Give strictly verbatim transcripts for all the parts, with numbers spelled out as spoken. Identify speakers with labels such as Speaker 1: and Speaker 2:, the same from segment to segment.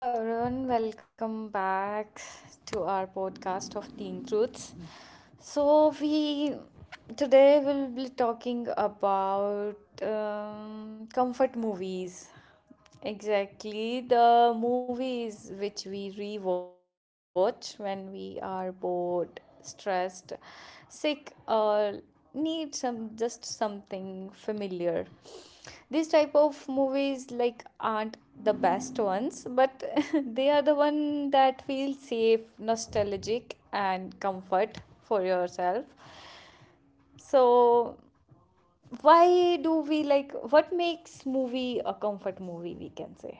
Speaker 1: Hello, everyone. Welcome back to our podcast of Teen Truths. So, we today will be talking about um, comfort movies. Exactly, the movies which we rewatch when we are bored, stressed, sick, or need some just something familiar. These type of movies like aren't the best ones, but they are the one that feel safe, nostalgic, and comfort for yourself. So why do we like? What makes movie a comfort movie, we can say?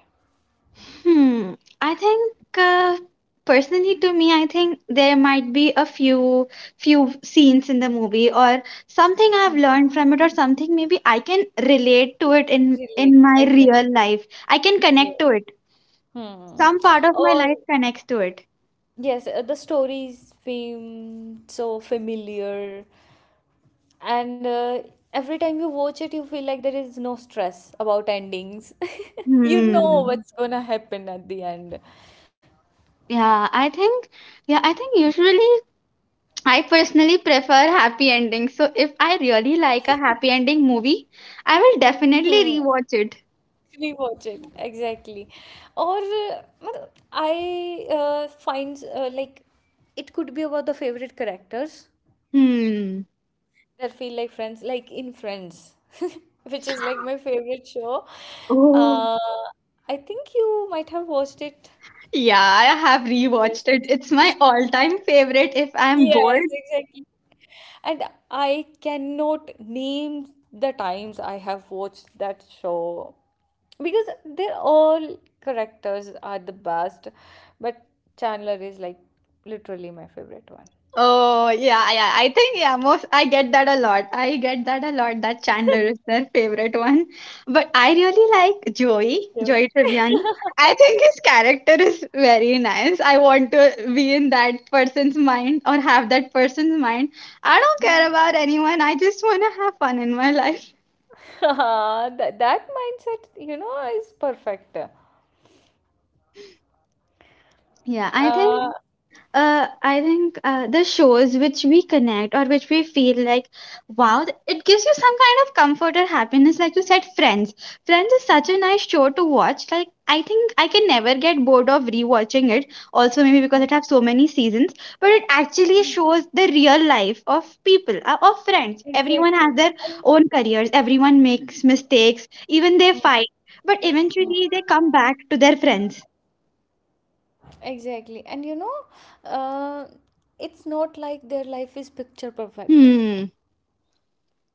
Speaker 2: Hmm. I think uh, personally to me, I think there might be a few few scenes in the movie or something I've
Speaker 1: Hmm.
Speaker 2: learned from it, or something maybe I can relate to it in
Speaker 1: Relate
Speaker 2: in my
Speaker 1: exactly.
Speaker 2: real life. I can connect
Speaker 1: Yes.
Speaker 2: to it.
Speaker 1: Hmm.
Speaker 2: Some part of my
Speaker 1: Or
Speaker 2: life connects to it.
Speaker 1: yes, uh, the stories seem so familiar. And uh, every time you watch it, you feel like there is no stress about endings. You know, Mhm,
Speaker 2: Hmm.
Speaker 1: what's gonna happen at the end.
Speaker 2: Yeah, I think yeah, I think usually I personally prefer happy endings. So if I really like a happy ending movie, I will
Speaker 1: Hmm.
Speaker 2: definitely rewatch it.
Speaker 1: Rewatch it exactly. Or uh, matlab, I uh, find uh, like it could be about the favorite characters
Speaker 2: Hmm.
Speaker 1: that feel like friends, like in Friends, which is like my favorite show.
Speaker 2: Oh.
Speaker 1: Uh, I think you might have watched it.
Speaker 2: Yeah, I have rewatched it. It's my
Speaker 1: Yes,
Speaker 2: all-time favorite if I'm bored.
Speaker 1: yes, exactly. And I cannot name the times I have watched that show because they're all characters are the best, but Chandler is like literally my favorite one.
Speaker 2: Oh, yeah, yeah. I think yeah, most I get that a lot. I get that a lot that Chandler is their favorite one. But I really like Joey,
Speaker 1: Yeah.
Speaker 2: Joey Tribbiani. I think his character is very nice. I want to be in that person's mind, or have that person's mind. I don't care about anyone. I just want to have fun in my life.
Speaker 1: that, that mindset, you know, is perfect.
Speaker 2: Yeah, I think
Speaker 1: Uh,
Speaker 2: uh, I think uh, the shows which we connect, or which we feel like, wow, th- it gives you some kind of comfort or happiness. Like you said, Friends. Friends is such a nice show to watch. Like, I think I can never get bored of rewatching it. Also, maybe because it has so many seasons, but it
Speaker 1: Mhm.
Speaker 2: actually shows the real life of people, uh, of friends. Everyone
Speaker 1: Exactly.
Speaker 2: has their own careers, everyone makes mistakes, even they
Speaker 1: I,
Speaker 2: fight, but eventually they come back to their friends.
Speaker 1: Exactly. And you know, uh, it's not like their life is picture perfect.
Speaker 2: Hmm.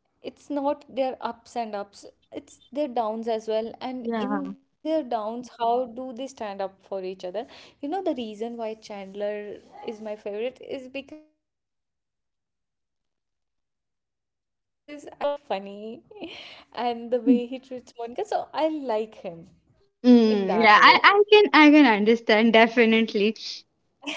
Speaker 1: It's not their ups and ups. It's their downs as well. And
Speaker 2: Yeah.
Speaker 1: in their downs, how do they stand up for each other? You know, the reason why Chandler is my favorite is because I feel like I want a partner like him. Like, he's so funny. And the way he treats Monica. So I like him
Speaker 2: Mm,
Speaker 1: in
Speaker 2: yeah, I,
Speaker 1: that
Speaker 2: I
Speaker 1: way.
Speaker 2: can I can understand definitely.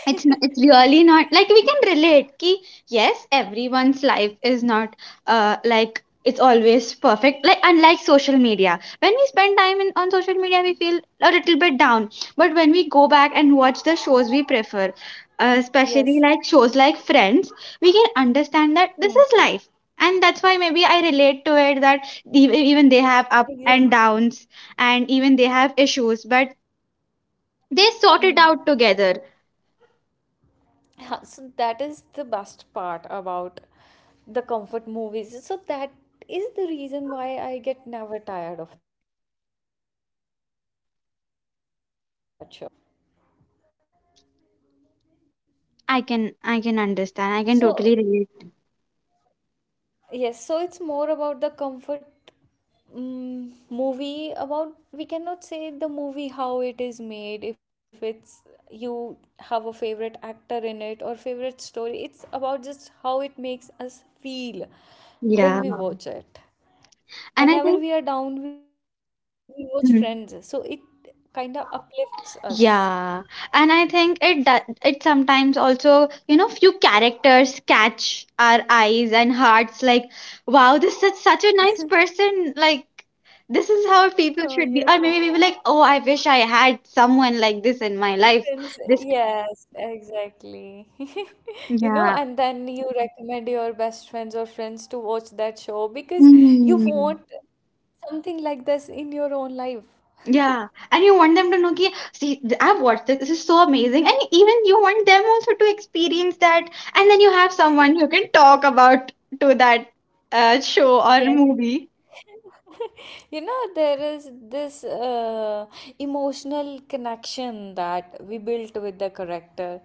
Speaker 2: It's n- it's really not like we can relate, ki, yes, everyone's life is not uh like it's always perfect. Like, unlike social media, when we spend time in, on social media, we feel a little bit down. But when we go back and watch the shows we prefer, uh,
Speaker 1: Yes.
Speaker 2: especially like shows like Friends, we can understand that this
Speaker 1: Hmm.
Speaker 2: is life, and that's why maybe I relate to it, that ev- even they have up
Speaker 1: Exactly.
Speaker 2: and downs, and even they have issues, but they sort
Speaker 1: Mm.
Speaker 2: it out together.
Speaker 1: Ha- So that is the best part about the comfort movies. So that is the reason why I get never tired of that show.
Speaker 2: I can I can understand. I can
Speaker 1: So
Speaker 2: totally relate.
Speaker 1: yes, so it's more about the comfort mm movie, about, we cannot say, the movie how it is made if it's you have a favorite actor in it or favorite story. It's about just how it makes us feel when we
Speaker 2: Yeah.
Speaker 1: watch it.
Speaker 2: And
Speaker 1: Whenever
Speaker 2: I
Speaker 1: we
Speaker 2: think
Speaker 1: are down, we we, we watch Friends, so it
Speaker 2: Mhm.
Speaker 1: kind of uplifts us.
Speaker 2: yeah. And I think it do- it sometimes also, you know, few characters catch our eyes and hearts like, wow, this is such a nice person. Like, this is how people
Speaker 1: Oh
Speaker 2: should be.
Speaker 1: yes,
Speaker 2: Or
Speaker 1: like
Speaker 2: maybe we were like, oh, I wish I had someone like this in my life.
Speaker 1: Friends.
Speaker 2: This
Speaker 1: Yes, exactly. You know,
Speaker 2: yeah.
Speaker 1: and then you recommend your best friends or friends to watch that show because you want something like this in your own life.
Speaker 2: Yeah, and you want them to know, ki, see, th- I've watched this. This is so amazing, and even you want them also to experience that, and then you have someone who can talk about to that uh, show or
Speaker 1: Yes.
Speaker 2: movie.
Speaker 1: You know, there is this uh, emotional connection that we built with the character.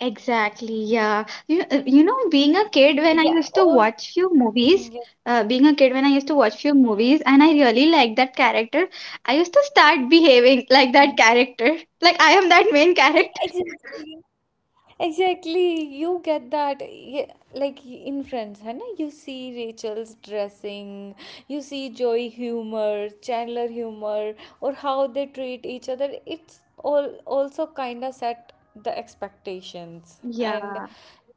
Speaker 2: Exactly. Yeah, you uh, you know, being a
Speaker 1: Yeah,
Speaker 2: kid when
Speaker 1: or
Speaker 2: I used to watch few
Speaker 1: Mhm, yes.
Speaker 2: movies, uh, being a kid when I used to watch few
Speaker 1: Mm,
Speaker 2: movies, and I really liked that character. I used to start behaving like
Speaker 1: mm.
Speaker 2: that character, like I am that main character.
Speaker 1: Exactly. Exactly, you get that. Yeah, like in Friends, है ना? You see Rachel's dressing, you see Joey humor, Chandler humor, or how they treat each other. It's all also kind of set the expectations,
Speaker 2: Yeah.
Speaker 1: and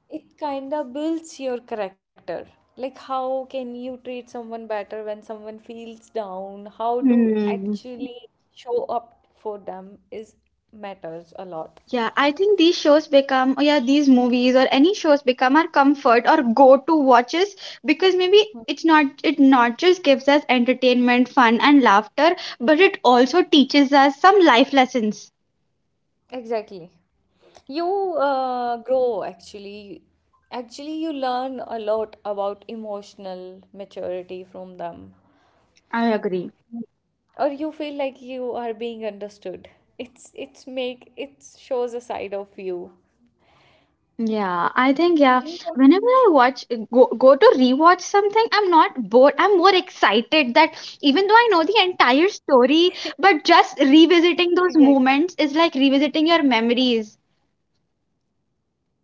Speaker 1: it kind of builds your character. Like how can you treat someone better when someone feels down? How do
Speaker 2: Hmm.
Speaker 1: actually show up for them is matters a lot.
Speaker 2: Yeah, I think these shows become, or yeah, these movies or any shows become our comfort or go-to watches, because maybe it's not, it not just gives us entertainment, fun, and laughter, but it also teaches us some life lessons.
Speaker 1: Exactly. You uh, grow actually. Actually, you learn a lot about emotional maturity from them,
Speaker 2: I agree.
Speaker 1: or you feel like you are being understood. It's it's make it shows a side of you.
Speaker 2: Yeah, I think yeah. Whenever I watch go go to rewatch something, I'm not bored. I'm more excited that even though I know the entire story, but just revisiting those
Speaker 1: Exactly.
Speaker 2: moments is like revisiting your memories.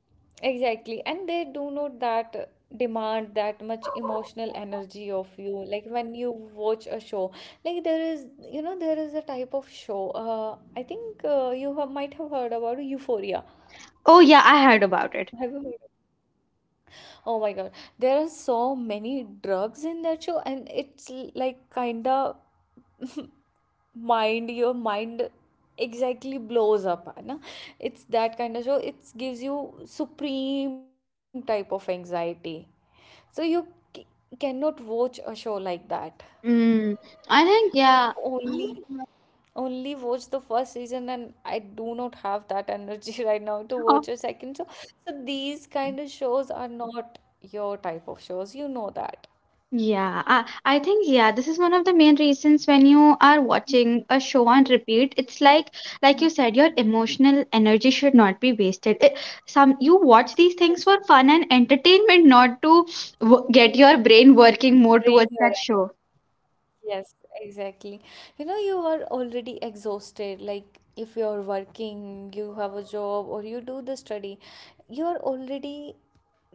Speaker 1: Exactly, and they do not that demand that much emotional energy of you. Like when you watch a show, like there is, you know, there is a type of show. Uh, I think uh, you have, might have heard about Euphoria.
Speaker 2: Oh yeah, I heard about it.
Speaker 1: Have you heard of- Oh my God. There are so many drugs in that show, and it's l- like kinda mind your mind exactly blows up. है ना? It's that kind of show. It gives you supreme type of anxiety. So you c- cannot watch a show like that.
Speaker 2: Mm, I think yeah.
Speaker 1: Only only watch the first season, and I do not have that energy right now to watch a second show. So these kind of shows are not your type of shows. You know that.
Speaker 2: Yeah, I, I think yeah, this is one of the main reasons when you are watching a show on repeat, it's like like you
Speaker 1: Mm,
Speaker 2: said, your emotional energy should not be wasted. It, some You watch these things
Speaker 1: yes,
Speaker 2: for fun and entertainment, not to w get your brain working more
Speaker 1: drain
Speaker 2: towards
Speaker 1: your
Speaker 2: that
Speaker 1: energy.
Speaker 2: show.
Speaker 1: Yes, exactly. You know, you are already exhausted. Like, if you're working, you have a job, or you do the study, you're already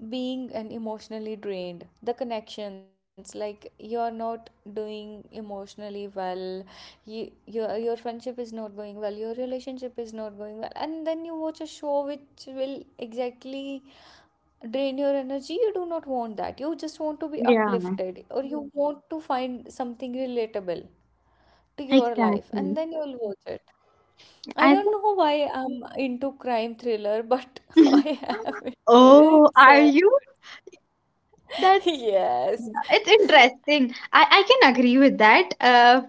Speaker 1: being and emotionally drained. The connections, like, you're not doing emotionally well. You, your your friendship is not going well. Your relationship is not going well. And then you watch a show which will exactly drain your energy. You do not want that. You just want to be
Speaker 2: Yeah,
Speaker 1: uplifted, or you, Mhm, want to find something relatable to your life,
Speaker 2: exactly.
Speaker 1: and then you'll watch it. I
Speaker 2: I
Speaker 1: don't know why I'm into crime thriller, but
Speaker 2: think.
Speaker 1: I am.
Speaker 2: Oh,
Speaker 1: It's so
Speaker 2: are you? That's
Speaker 1: yes.
Speaker 2: Yeah, it's interesting. I, I can agree with that. Uh,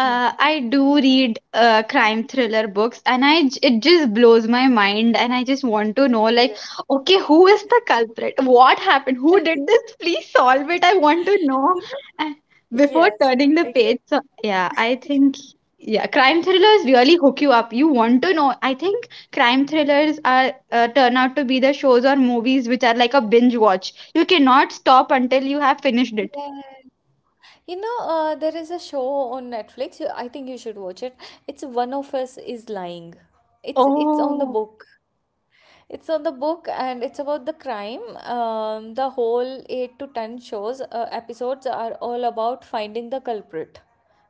Speaker 1: Hmm.
Speaker 2: I do read uh, crime thriller books, and I j- it just blows my mind, and I just want to know, like,
Speaker 1: Exactly.
Speaker 2: okay, who is the culprit? What happened? Who did this? Please solve it. I want to know,
Speaker 1: You
Speaker 2: uh,
Speaker 1: know.
Speaker 2: before
Speaker 1: Yes,
Speaker 2: turning the page. So yeah,
Speaker 1: exactly.
Speaker 2: I think yeah, crime thrillers really hook you up. You want to know. I think crime thrillers are uh, turn out to be the shows or movies which are like a binge watch. You cannot stop until you have finished it.
Speaker 1: Yes. You know, uh, there is a show on Netflix. you- I think you should watch it. It's One of Us is Lying. It's it's on the
Speaker 2: Oh,
Speaker 1: book. It's on the book, and it's about the crime. Um, the whole eight to ten shows uh, episodes are all about finding the culprit.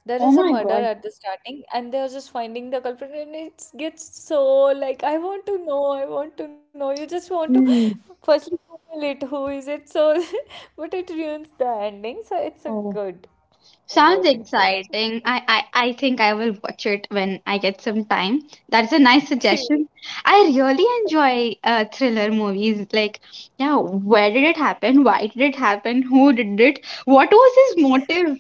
Speaker 1: There
Speaker 2: oh
Speaker 1: is a
Speaker 2: my
Speaker 1: murder
Speaker 2: God.
Speaker 1: at the starting, and they're just finding the culprit, and it gets so like I want to know, I want to know. You just want to
Speaker 2: Hmm.
Speaker 1: firstly Google it. Who is it? So, but it ruins the ending. So it's a
Speaker 2: Oh,
Speaker 1: good enjoy
Speaker 2: sounds
Speaker 1: watching show.
Speaker 2: exciting. I, I, I think I will watch it when I get some time. That's a nice suggestion. I really enjoy uh, thriller movies. Like, yeah, where did it happen? Why did it happen? Who did it? What was his motive?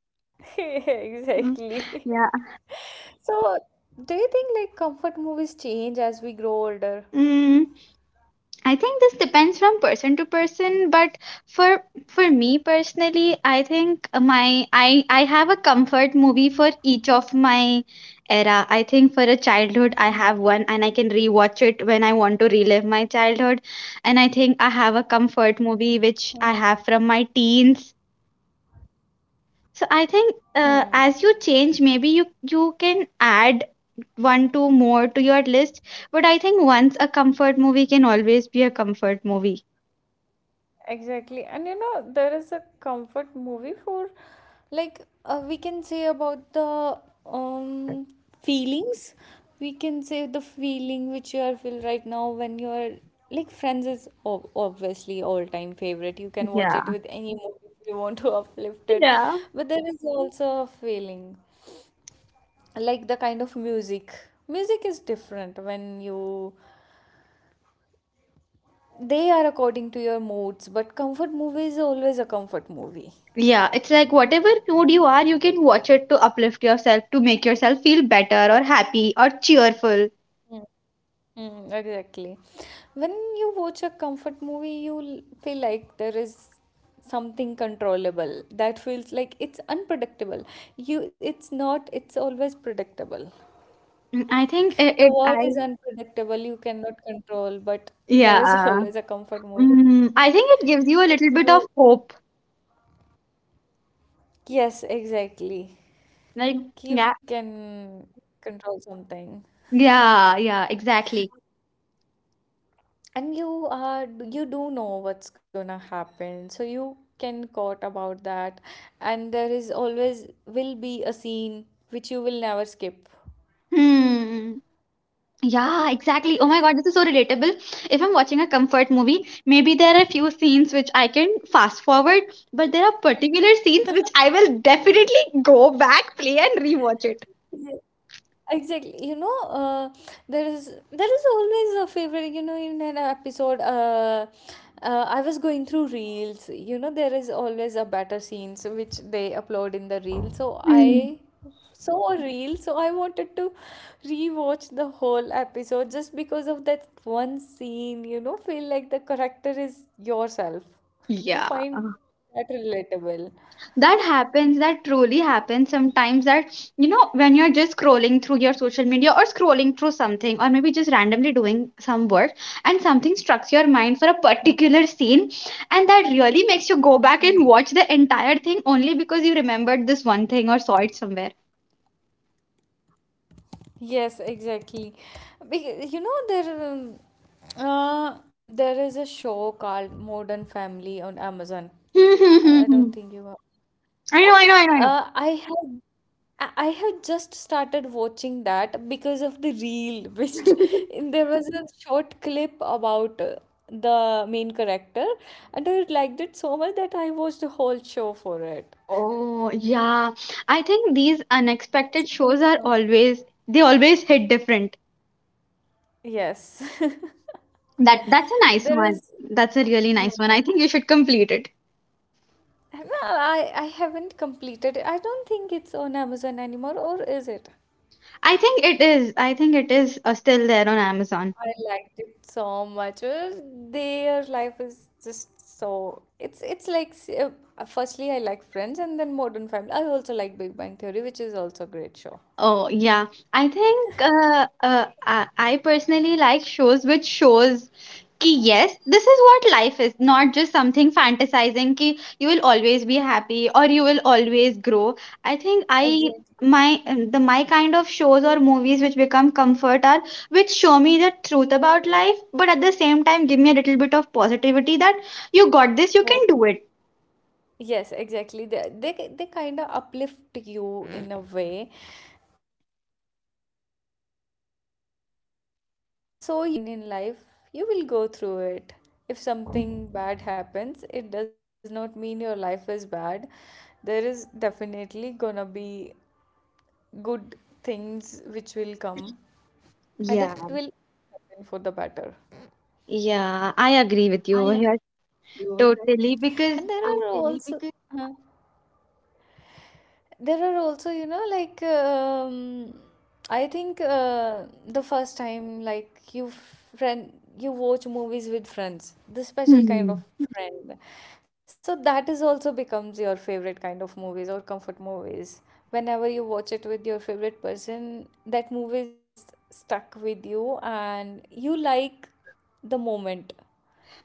Speaker 1: Exactly.
Speaker 2: Mm, yeah.
Speaker 1: So, do you think like comfort movies change as we grow older?
Speaker 2: Mm. I think this depends from person to person, but for for me personally, I think my I I have a comfort movie for each of my era. I think for a childhood, I have one, and I can rewatch it when I want to relive my childhood. And I think I have a
Speaker 1: Hmm.
Speaker 2: comfort movie which I have from my teens. So I
Speaker 1: Hmm.
Speaker 2: think uh, as you change, maybe you you can add one two more to your list. But I think once a comfort movie can always be a comfort movie.
Speaker 1: Exactly. And you know, there is a comfort movie for, like, uh, we can say about the um feelings. We can say the feeling which you are feel right now when you are like Friends is ob- obviously all time favorite. You can watch it with any movie if you want to uplift it. But there is also a feeling like the kind of music. Music is different when you they are according to your moods, but comfort movie is always a comfort movie.
Speaker 2: Yeah, it's like whatever mood you are, you can watch it to uplift yourself, to make yourself feel better or happy or cheerful.
Speaker 1: Mm, exactly. When you watch a comfort movie, you l- feel like there is something controllable. That feels like it's unpredictable. You, it's not. It's always predictable.
Speaker 2: Mm, I think it,
Speaker 1: The
Speaker 2: it
Speaker 1: world
Speaker 2: I
Speaker 1: is unpredictable. You cannot control, but there is
Speaker 2: yeah.
Speaker 1: always a comfort movie.
Speaker 2: Mm, I think it gives you a little
Speaker 1: Makes
Speaker 2: bit of
Speaker 1: you.
Speaker 2: hope.
Speaker 1: Yes, exactly.
Speaker 2: Like
Speaker 1: You
Speaker 2: yeah.
Speaker 1: can control something.
Speaker 2: Yeah, yeah, exactly.
Speaker 1: And you are you do know what's gonna happen, so you can caught about that, and there is always will be a scene which you will never skip.
Speaker 2: Hmm. Yeah, exactly. Oh my God, this is so relatable. If I'm watching a comfort movie, maybe there are a few scenes which I can fast forward, but there are particular scenes which I will definitely go back, play, and rewatch it.
Speaker 1: Yeah. Exactly. You know, uh, there is there is always a favorite. You know, in an episode, uh, uh, I was going through reels. You know, there is always a better scenes which they upload in the reel. So
Speaker 2: Hmm.
Speaker 1: I saw a reel, so I wanted to rewatch the whole episode just because of that one scene. You know, feel like the character is yourself. You
Speaker 2: Yeah.
Speaker 1: find that relatable.
Speaker 2: That happens, that truly happens sometimes, that you know, when you're just scrolling through your social media or scrolling through something, or maybe just randomly doing some work, and something strikes your mind for a particular scene, and that really makes you go back and watch the entire thing only because you remembered this one thing or saw it somewhere.
Speaker 1: Yes, exactly. Because, you know, there um, uh, there is a show called Modern Family on Amazon.
Speaker 2: Hmm, hmm,
Speaker 1: I
Speaker 2: hmm,
Speaker 1: I don't
Speaker 2: hmm.
Speaker 1: think you have, है
Speaker 2: I
Speaker 1: ना?
Speaker 2: know, I know, I know, I know.
Speaker 1: Uh, I have I I have just started watching that because of the reel, which there was a short clip about uh, the main character, and I liked it so much that I watched the whole show for it.
Speaker 2: Oh yeah, I think these
Speaker 1: It's a
Speaker 2: unexpected
Speaker 1: good
Speaker 2: shows are
Speaker 1: show.
Speaker 2: always, they always hit different.
Speaker 1: Yes.
Speaker 2: That, that's a nice
Speaker 1: There
Speaker 2: one.
Speaker 1: is.
Speaker 2: That's a really
Speaker 1: mm,
Speaker 2: nice one. I think you should complete it.
Speaker 1: No, I, I haven't completed it. I don't think it's on Amazon anymore, or is it?
Speaker 2: I think it is. I think it is uh, still there on Amazon.
Speaker 1: I liked it so much. Uh, Their life is just so. It's it's like s- uh, firstly I like Friends and then Modern Family. I also like Big Bang Theory, which is also a great show.
Speaker 2: Oh, yeah. I think uh, uh, I I personally like shows which shows कि yes, this is what life is, not just something fantasizing कि you will always be happy or you will always grow. I think I
Speaker 1: Exactly.
Speaker 2: my Um, the my kind of shows or movies which become comfort are which show me the truth about life, but at the same time give me a little bit of positivity that you got this, you
Speaker 1: Oh.
Speaker 2: can do it.
Speaker 1: Yes, exactly. They they, they kind of uplift you in a way. So you kind of feel relatable that every whatever will happen in life, you will go through it. If something bad happens, it does not mean your life is bad. There is definitely gonna be good things which will come, and
Speaker 2: yeah
Speaker 1: it will happen for the better.
Speaker 2: yeah, I agree with you
Speaker 1: I
Speaker 2: over
Speaker 1: agree with
Speaker 2: here
Speaker 1: you. That
Speaker 2: totally,
Speaker 1: And there
Speaker 2: because
Speaker 1: are, totally, also because, huh. There are also, you know, like, um, I think uh, the first time like you friend you watch movies with friends, the special kind
Speaker 2: hmm.
Speaker 1: of friend. So that is also becomes your favorite kind of movies or comfort movies. Whenever you watch it with your favorite person, that movie is just stuck with you, and you like the moment.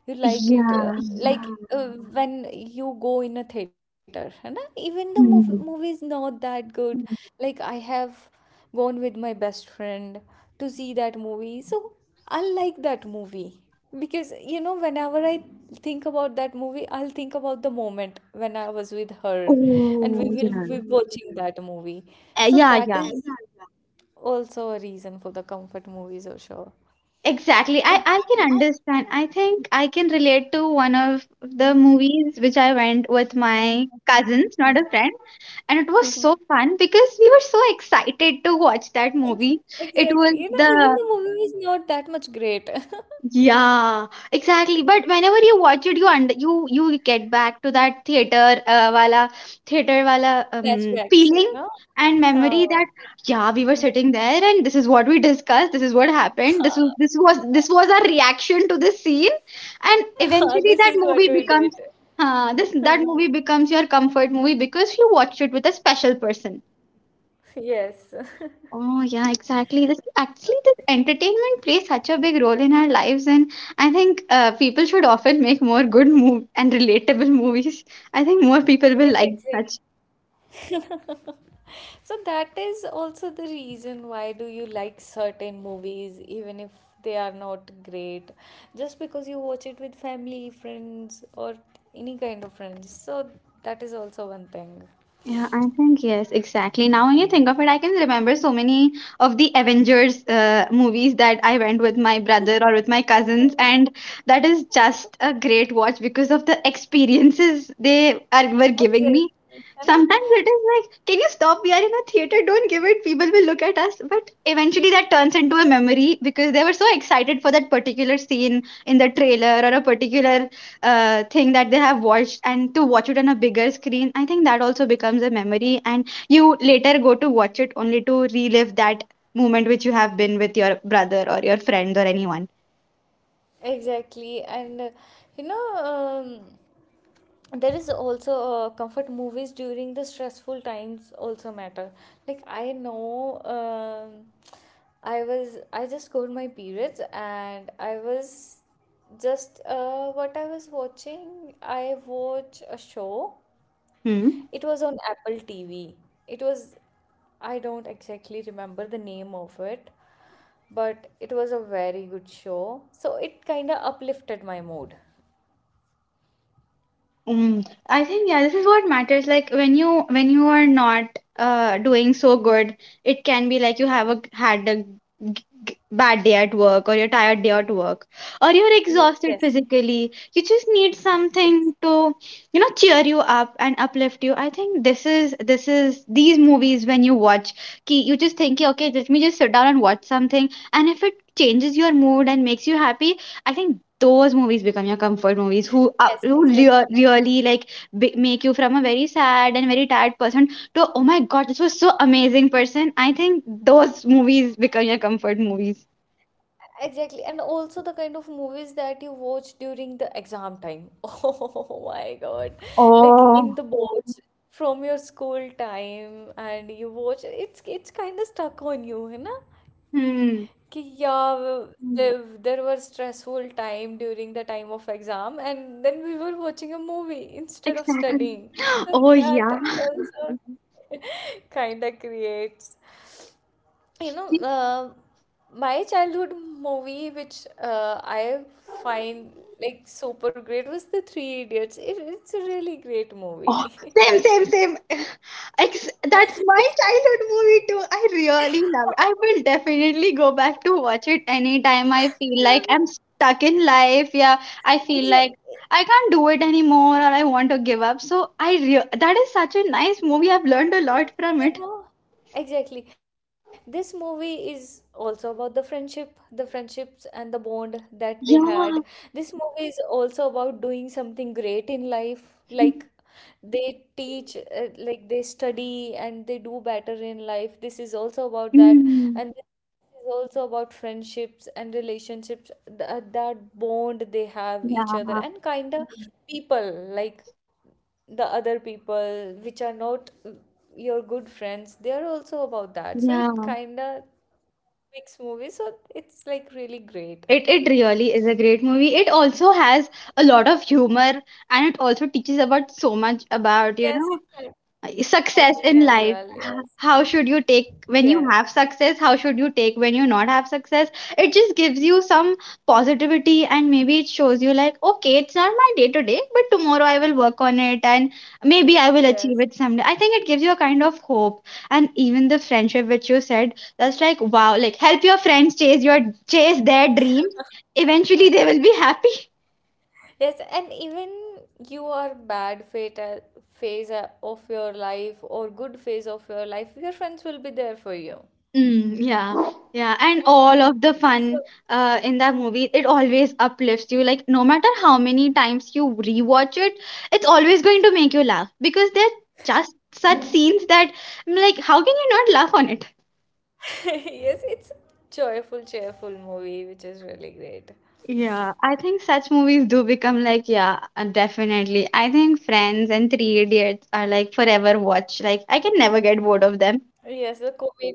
Speaker 1: You like it, uh,
Speaker 2: Yeah.
Speaker 1: like, uh, yeah, when you go in a theater, है ना? Even the movie movie is
Speaker 2: Mhm.
Speaker 1: not that good. Mm. Like I have gone with my best friend to see that movie, so I like that movie, because you know whenever I think about that movie, I'll think about the moment when I was with her, and we
Speaker 2: Oh,
Speaker 1: will
Speaker 2: yeah.
Speaker 1: be watching Mm. that movie.
Speaker 2: Uh,
Speaker 1: So
Speaker 2: yeah, yeah.
Speaker 1: that is, yeah, also a reason for the comfort movies or show.
Speaker 2: Exactly. I, I can
Speaker 1: Exactly.
Speaker 2: understand. I think I can relate to one of
Speaker 1: I
Speaker 2: the movies which I went with my
Speaker 1: Mhm.
Speaker 2: cousins, not a friend. And it was so
Speaker 1: Ex-
Speaker 2: fun because we were so excited to watch that movie. It was
Speaker 1: Exactly. You know,
Speaker 2: the
Speaker 1: even the movie is not that much great.
Speaker 2: Yeah, exactly. But whenever you watch it, you under you you get back to that theater uh, wala, theater wala um feeling
Speaker 1: Flashbacks, you know.
Speaker 2: and memory,
Speaker 1: Ah,
Speaker 2: that yeah, we were sitting there and this is what we discussed. This is what happened. This was this was this was our reaction to the scene, and eventually
Speaker 1: this
Speaker 2: that
Speaker 1: is what
Speaker 2: movie
Speaker 1: we did.
Speaker 2: becomes, uh, this that movie becomes your comfort movie because you watched it with a special person.
Speaker 1: Yes.
Speaker 2: Oh yeah, exactly. This actually, this entertainment plays such a big role in our lives, and I think uh, people should often make more good move and relatable movies. I think more people will
Speaker 1: Yes,
Speaker 2: like such.
Speaker 1: exactly. So that is also the reason why do you like certain movies, even if they are not great, just because you watch it with family, friends, or any kind of friends. So that is also one thing.
Speaker 2: Yeah, I think yes, exactly. Now when you think of it, I can remember so many of the Avengers uh, movies that I went with my brother or with my cousins, and that is just a great watch because of the experiences they are were giving me.
Speaker 1: Exactly, है ना?
Speaker 2: Sometimes it is like, can you stop? We are in a theater, don't give it, people will look at us. But eventually that turns into a memory because they were so excited for that particular scene in the trailer, or a particular uh, thing that they have watched, and to watch it on a bigger screen. I think that also becomes a memory, and you later go to watch it only to relive that moment which you have been with your brother or your friends or anyone.
Speaker 1: Exactly, and uh, you know, um, there is also uh, comfort movies during the stressful times also matter. Like I know, um, I was I just got my periods and I was just uh, what I was watching. I watch a show.
Speaker 2: Hmm.
Speaker 1: It was on Apple T V. It was I don't exactly remember the name of it, but it was a very good show. So it kind of uplifted my mood.
Speaker 2: Mm. I think yeah, this is what matters. Like when you when you are not uh doing so good, it can be like you have a had a g- bad day at work or your tired day at work or you're exhausted
Speaker 1: Yes,
Speaker 2: physically. You just need
Speaker 1: yes,
Speaker 2: something to you know cheer you up and uplift you. I think this is this is these movies when you watch ki. You just think, "Ki, okay, let me just sit down and watch something," and if it changes your mood and makes you happy, I think those movies become your comfort movies who up, who
Speaker 1: yes,
Speaker 2: lea-
Speaker 1: exactly.
Speaker 2: really like b- make you from a very sad and very tired person to, oh my God, this was so amazing person. I think those movies become your comfort movies.
Speaker 1: Exactly. And also the kind of movies that you watch during the exam time. Oh my God. Like in
Speaker 2: Oh.
Speaker 1: the boards from your school time and you watch it's it's kind of stuck on you, you know?
Speaker 2: Hmm.
Speaker 1: कि yeah w- Mm, there, there was stressful time during the time of exam and then we were watching a movie instead of
Speaker 2: Exactly.
Speaker 1: studying, so
Speaker 2: Oh
Speaker 1: that
Speaker 2: yeah.
Speaker 1: also kind of creates, you know, uh, my childhood movie which uh, I find like super great was the three idiots. It, it's a really great
Speaker 2: Oh,
Speaker 1: movie.
Speaker 2: same, same, same. Ex- that's my childhood movie too. I really love it.
Speaker 1: It's-
Speaker 2: I will definitely go back to watch it anytime I feel like I'm stuck in life. Yeah, I feel like I
Speaker 1: Exactly.
Speaker 2: can't do it anymore or I want to give up. So I re- that is such a nice movie. I've learned a lot from it.
Speaker 1: You know, exactly. This movie is also about the friendship, the friendships and the bond that they
Speaker 2: Yeah.
Speaker 1: had. This movie is also about doing something great in life. Like they teach, uh, like they study and they do better in life. This is also about that.
Speaker 2: Mm.
Speaker 1: And this is also about friendships and relationships, th- uh, that bond they have each
Speaker 2: Yeah,
Speaker 1: other and kind of people. Like the other people which are not uh, your good friends, they are also about that, so it
Speaker 2: yeah.
Speaker 1: kind of makes movies, so it's like really great.
Speaker 2: It it really is a great movie. It also has a lot of humor, and it also teaches about so much about, you
Speaker 1: Yes,
Speaker 2: know,
Speaker 1: it's kind of
Speaker 2: uh, success in
Speaker 1: funny as
Speaker 2: life.
Speaker 1: well.
Speaker 2: H-
Speaker 1: Yes,
Speaker 2: how should you take when you
Speaker 1: yes,
Speaker 2: have success? How should you take when you not have success? It just gives you some positivity, and maybe it shows you like, okay, it's not my day to day, but tomorrow I will work on it, and maybe I will achieve
Speaker 1: yes.
Speaker 2: it someday. I think it gives you a kind of hope. And even the friendship which you said, that's like wow, like help your friends chase your chase their dreams. Eventually
Speaker 1: Huh.
Speaker 2: they will be happy.
Speaker 1: Yes, and even you are bad fate uh, phase uh, of your life or good phase of your life, your friends will be there for you.
Speaker 2: Mm, yeah,
Speaker 1: Huh?
Speaker 2: yeah, and all of
Speaker 1: So
Speaker 2: the fun uh, in that movie, it always uplifts you. Like, no matter how many times you rewatch it, it's always going to make you laugh because there's just such scenes that I'm like, how can you not laugh on it?
Speaker 1: yes, it's a joyful, cheerful movie which is really great.
Speaker 2: Yeah, I think such movies do become like, yeah, uh, definitely. I think Friends and Three Idiots are like forever watch. Like, I can never get bored of them.
Speaker 1: Yes, the comedy.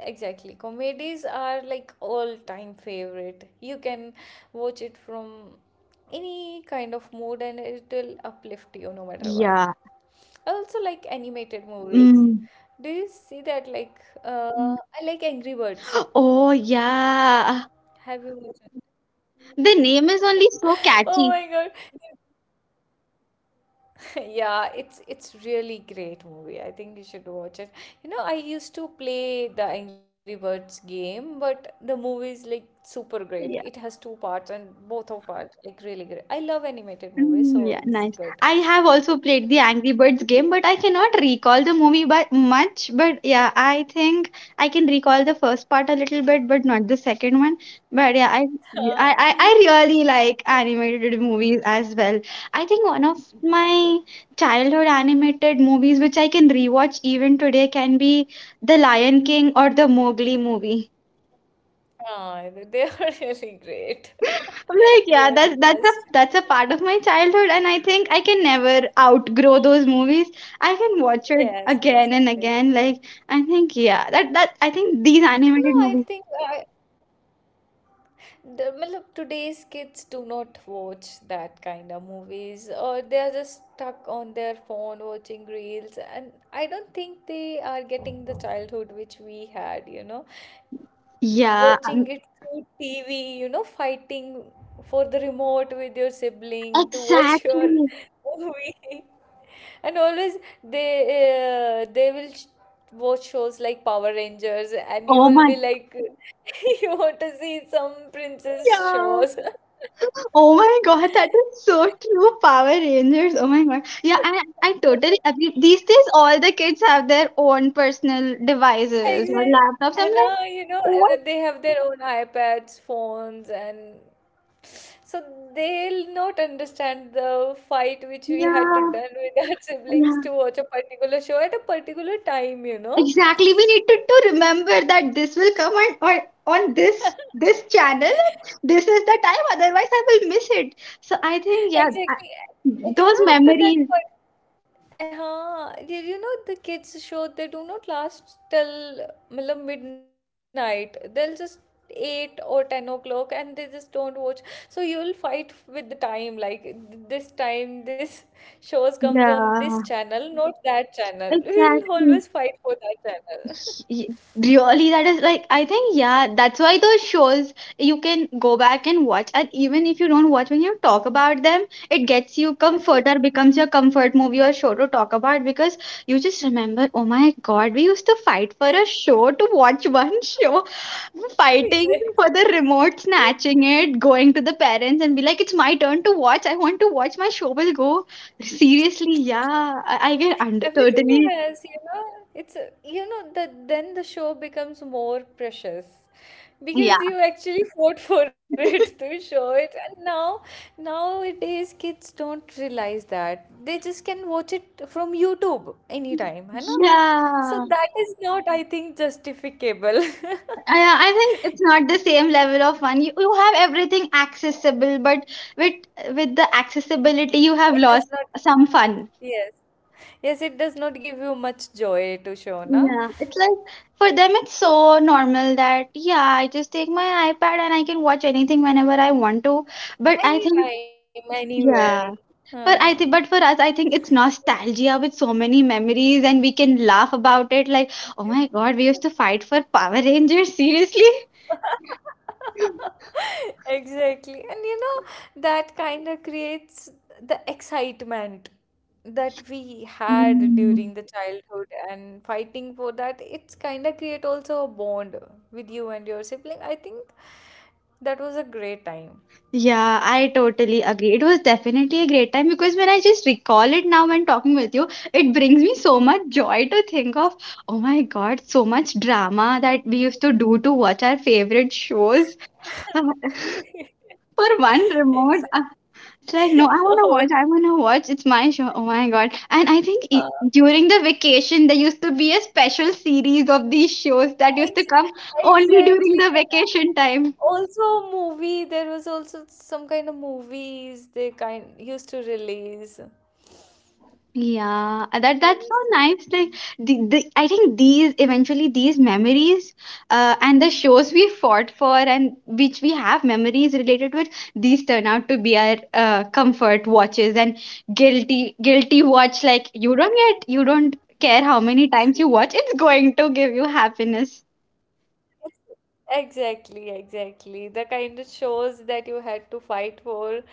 Speaker 1: Exactly. Comedies are like all-time favorite. You can watch it from any kind of mood and it'll uplift you no matter
Speaker 2: Yeah.
Speaker 1: what. I also like animated movies.
Speaker 2: Mm.
Speaker 1: Do you see that, like, uh, I like Angry Birds.
Speaker 2: Oh, yeah.
Speaker 1: Have you watched it?
Speaker 2: The name is only so catchy.
Speaker 1: Oh my God. Yeah, it's it's really great movie. I think you should watch it. You know, I used to play the Angry Birds game, but the movie is like super great. It has two parts and both of parts like really great. I love animated movies,
Speaker 2: Mm,
Speaker 1: so
Speaker 2: yeah,
Speaker 1: it's
Speaker 2: nice.
Speaker 1: good.
Speaker 2: I have also played the Angry Birds game, but I cannot recall the movie by much. But yeah, I think I can recall the first part a little bit, but not the second one. But yeah, I I
Speaker 1: Uh,
Speaker 2: I I
Speaker 1: you-
Speaker 2: really like animated movies as well. I think one of my childhood animated movies which I can rewatch even today can be The Lion King or the Mowgli movie.
Speaker 1: Ah, they they are really great.
Speaker 2: I'm like,
Speaker 1: They
Speaker 2: yeah,
Speaker 1: are the
Speaker 2: that's that's a
Speaker 1: best.
Speaker 2: that's a part of my childhood, and I think I can never outgrow those movies. I can watch it
Speaker 1: Yes, yes,
Speaker 2: again and
Speaker 1: exactly.
Speaker 2: again. Like, I think, yeah, that that I think these
Speaker 1: You
Speaker 2: animated
Speaker 1: know, I
Speaker 2: movies.
Speaker 1: think I, the, matlab, today's kids do not watch that kind of movies or they are just stuck on their phone watching reels, and I don't think they are getting the childhood which we had, you know,
Speaker 2: Yeah,
Speaker 1: watching it through tv, you know, fighting for the remote with your sibling to watch your
Speaker 2: exactly.
Speaker 1: movie. And always they uh, they will sh- watch shows like Power Rangers, and you
Speaker 2: Oh
Speaker 1: will
Speaker 2: my,
Speaker 1: be like, you want to see some princess
Speaker 2: yeah.
Speaker 1: shows.
Speaker 2: Oh my God, that is so true. Power Rangers. Oh my God. Yeah, I I totally agree. These days, all the kids have their own personal devices or
Speaker 1: Exactly.
Speaker 2: laptops. I'm
Speaker 1: And
Speaker 2: like,
Speaker 1: uh, you know, and
Speaker 2: what?
Speaker 1: then they have their own iPads, phones, and so they'll not understand the fight which we had to
Speaker 2: Yeah,
Speaker 1: done with our siblings
Speaker 2: yeah.
Speaker 1: to watch a particular show at a particular time, you know.
Speaker 2: Exactly. We needed to remember that this will come on, on, on this this channel. This is the time. Otherwise, I will miss it. So I think yeah,
Speaker 1: Exactly.
Speaker 2: I-
Speaker 1: And
Speaker 2: those
Speaker 1: you know, after
Speaker 2: memories.
Speaker 1: that point, uh you, you know, the kids show they do not last till uh, matlab midnight. They'll just eight or ten o'clock and they just don't watch. So you'll fight with the time. Like th- this time, this shows comes on this
Speaker 2: Yeah,
Speaker 1: channel, not that channel. We'll always
Speaker 2: exactly.
Speaker 1: fight for that channel.
Speaker 2: Y- Really, that is like, I think, yeah, that's why those shows you can go back and watch, and even if you don't watch, when you talk about them, it gets you comfort or becomes your comfort movie or show to talk about. Because you just remember, oh my God, we used to fight for a show to watch one show, fighting for
Speaker 1: Exactly.
Speaker 2: the remote, snatching it, going to the parents and be like, it's my turn to watch, I want to watch my show will go seriously. Yeah, i, I can under-
Speaker 1: Everything
Speaker 2: totally.
Speaker 1: has, you know, it's a- you know that then the show becomes more precious because
Speaker 2: Yeah,
Speaker 1: you actually fought for it to show it, and now nowadays kids don't realize that they just can watch it from YouTube anytime, you know. So
Speaker 2: yeah.
Speaker 1: that is not, I think, justificable.
Speaker 2: Yeah, I think it's not the same level of fun. You, you have everything accessible, but with with the accessibility, you have
Speaker 1: It
Speaker 2: lost
Speaker 1: does not,
Speaker 2: some fun.
Speaker 1: yes, yes, it does not give you much joy to show, na?
Speaker 2: Yeah, it's like for them, it's so normal that yeah, I just take my iPad and I can watch anything whenever I want to. But I think
Speaker 1: Anytime, anywhere.
Speaker 2: yeah, but I
Speaker 1: Huh.
Speaker 2: think but for us, I think it's nostalgia with so many memories, and we can laugh about it. Like, oh my God, we used to fight for Power Rangers. Seriously.
Speaker 1: Exactly. And you know, that kind of creates the excitement that we had
Speaker 2: Mm.
Speaker 1: during the childhood and fighting for that, it's kind of create also a bond with you and your sibling. I think that was a great time.
Speaker 2: Yeah, I totally agree. It was definitely a great time because when I just recall it now when talking with you, it brings me so much joy to think of, oh my God, so much drama that we used to do to watch our favorite shows for one remote.
Speaker 1: Exactly.
Speaker 2: uh, It's like, no, I want to watch, I want to watch. It's my show. Oh my God. And I think
Speaker 1: Uh,
Speaker 2: i- during the vacation, there used to be a special series of these shows that used to
Speaker 1: Ex-
Speaker 2: come only during
Speaker 1: Exactly,
Speaker 2: the
Speaker 1: you know.
Speaker 2: vacation time.
Speaker 1: Also, movie. There was also some kind of movies they kind used to release. That
Speaker 2: Yeah, uh, that that's so
Speaker 1: was the
Speaker 2: nice. Like
Speaker 1: best.
Speaker 2: the, the I think these eventually these memories uh, and the shows we fought for and which we have memories related with, these turn out to be our uh, comfort watches and guilty guilty watch. Like you don't get, you don't care how many times you watch, it's going to give you happiness.
Speaker 1: Exactly, exactly. The kind of shows that you had to fight for,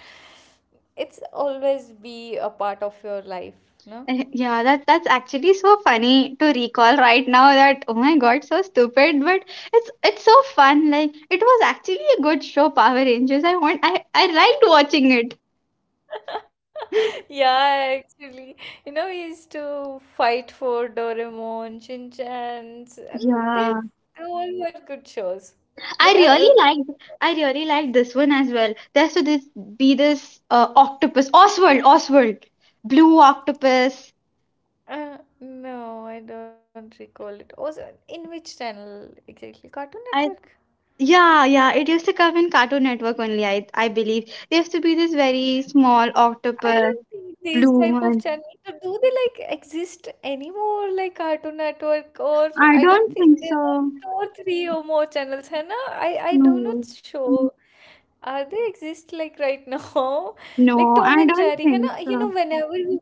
Speaker 1: it's always be a part of your life, no?
Speaker 2: Eh, yeah, that that's actually so funny to recall right now that, oh my God, so stupid, but it's it's so fun. Like it was actually a good show, Power Rangers. I want I I liked watching it.
Speaker 1: Yeah, actually, you know, we used to fight for Doraemon, Shin Chan's, and they,
Speaker 2: Yeah,
Speaker 1: they all were good shows.
Speaker 2: I
Speaker 1: But uh,
Speaker 2: really liked I really liked this one as well. There's to this be this uh, octopus Oswald. Oswald blue octopus.
Speaker 1: uh, uh, no, I don't recall it. Also, in which channel exactly? Cartoon
Speaker 2: I
Speaker 1: Network?
Speaker 2: Yeah, yeah, it used to come in Cartoon Network only. I I believe there used to be this very small
Speaker 1: I
Speaker 2: octopus,
Speaker 1: don't think
Speaker 2: blue
Speaker 1: these type of
Speaker 2: one.
Speaker 1: channels do do they like exist anymore, like Cartoon Network, or
Speaker 2: I
Speaker 1: I
Speaker 2: don't
Speaker 1: don't
Speaker 2: think
Speaker 1: think there are
Speaker 2: so.
Speaker 1: two or three or more channels है ना. I I do
Speaker 2: No,
Speaker 1: not sure are they exist like right now. Like
Speaker 2: No,
Speaker 1: Tom
Speaker 2: I
Speaker 1: and
Speaker 2: don't
Speaker 1: Jerry है
Speaker 2: think
Speaker 1: ना, you
Speaker 2: so.
Speaker 1: know, whenever we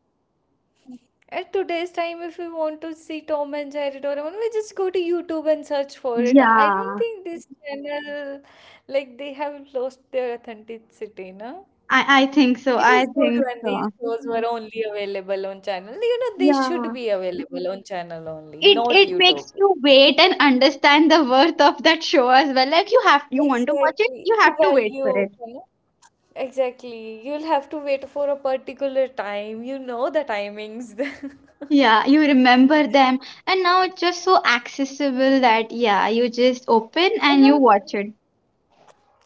Speaker 1: at today's time if we want to see Tom and Jerry Doraemon, we just go to YouTube and search for it. I don't
Speaker 2: Yeah,
Speaker 1: think this channel, like, they have lost their authenticity na.
Speaker 2: I, I think so.
Speaker 1: It
Speaker 2: I
Speaker 1: was good
Speaker 2: think
Speaker 1: when these
Speaker 2: so.
Speaker 1: shows were only available on channel. You know, they
Speaker 2: Yeah.
Speaker 1: should be available on channel only,
Speaker 2: It
Speaker 1: not
Speaker 2: it
Speaker 1: YouTube.
Speaker 2: makes you wait and understand the worth of that show as well. Like you have, you want to watch it,
Speaker 1: Exactly.
Speaker 2: you
Speaker 1: The
Speaker 2: have to wait for
Speaker 1: value,
Speaker 2: it.
Speaker 1: you know. Exactly. You'll have to wait for a particular time. You know the timings.
Speaker 2: Yeah, you remember them, and now it's just so accessible that yeah, you just open
Speaker 1: I
Speaker 2: and you
Speaker 1: know
Speaker 2: watch it.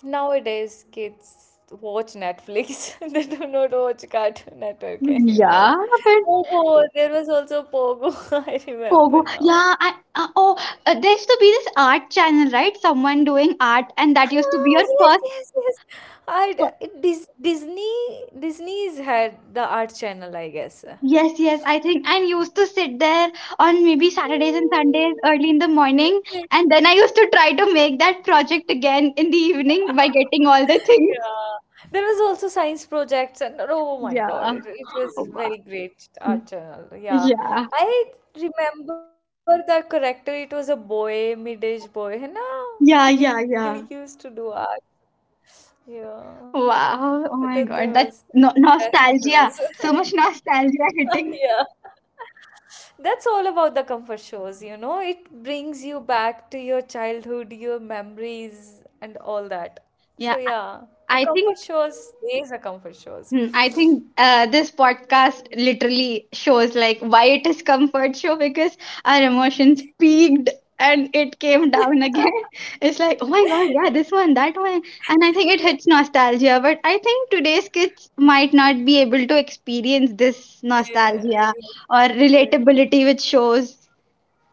Speaker 1: nowadays kids watch Netflix. They do not watch Cartoon Network anymore.
Speaker 2: Yeah, but
Speaker 1: Pogo. There was also Pogo. I remember
Speaker 2: Pogo.
Speaker 1: now.
Speaker 2: Yeah, I, uh, oh, uh, there used to be this art channel, right? Someone doing art, and that used to be
Speaker 1: Ah,
Speaker 2: your
Speaker 1: yes,
Speaker 2: first.
Speaker 1: yes, yes. I it, Dis, Disney Disney's had the art channel, I guess. Exact-
Speaker 2: Yes, yes, I think. And used to sit there on maybe Saturdays and Sundays early in the morning. And then I used to try to make that project again in the evening by getting all the things.
Speaker 1: Yeah. There was also science projects and oh my God,
Speaker 2: Yeah.
Speaker 1: it, it was
Speaker 2: Wow.
Speaker 1: very great art channel. Yeah.
Speaker 2: Yeah.
Speaker 1: I remember the character, it was a boy, mid-age boy, you know,
Speaker 2: Yeah,
Speaker 1: who,
Speaker 2: yeah,
Speaker 1: who
Speaker 2: yeah.
Speaker 1: used to do art. Yeah. That,
Speaker 2: Wow. Oh
Speaker 1: there
Speaker 2: my
Speaker 1: was
Speaker 2: God. That no
Speaker 1: best
Speaker 2: nostalgia.
Speaker 1: shows.
Speaker 2: So much nostalgia hitting.
Speaker 1: Yeah. That's all about the comfort shows, you know. It brings you back to your childhood, your memories, and all that.
Speaker 2: Yeah.
Speaker 1: So yeah,
Speaker 2: I
Speaker 1: a
Speaker 2: think,
Speaker 1: comfort shows is a comfort
Speaker 2: hmm,
Speaker 1: shows.
Speaker 2: I think uh, this podcast literally shows like why it is comfort show, because our emotions peaked and it came down again. It's like, oh my God, yeah, this one, that one. And I think it hits nostalgia, but I think today's kids might not be able to experience this
Speaker 1: Yeah,
Speaker 2: nostalgia or
Speaker 1: exactly.
Speaker 2: relatability with shows.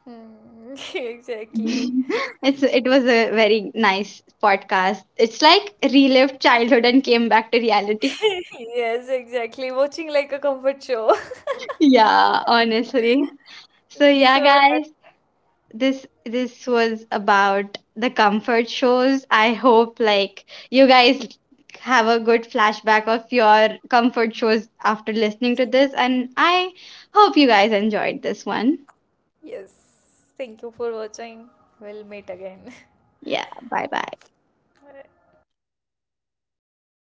Speaker 1: Hmm, exactly.
Speaker 2: It's it was a very nice podcast. It's like relived childhood and came back to reality.
Speaker 1: Yes, exactly. Watching like a comfort show.
Speaker 2: Yeah, honestly. So
Speaker 1: So
Speaker 2: yeah,
Speaker 1: that,
Speaker 2: guys, this this was about the comfort shows. I hope like you guys have a good flashback of your comfort shows after listening to this, and I hope you guys enjoyed this one.
Speaker 1: yes. Thank you for watching. We'll meet again.
Speaker 2: Yeah, bye bye.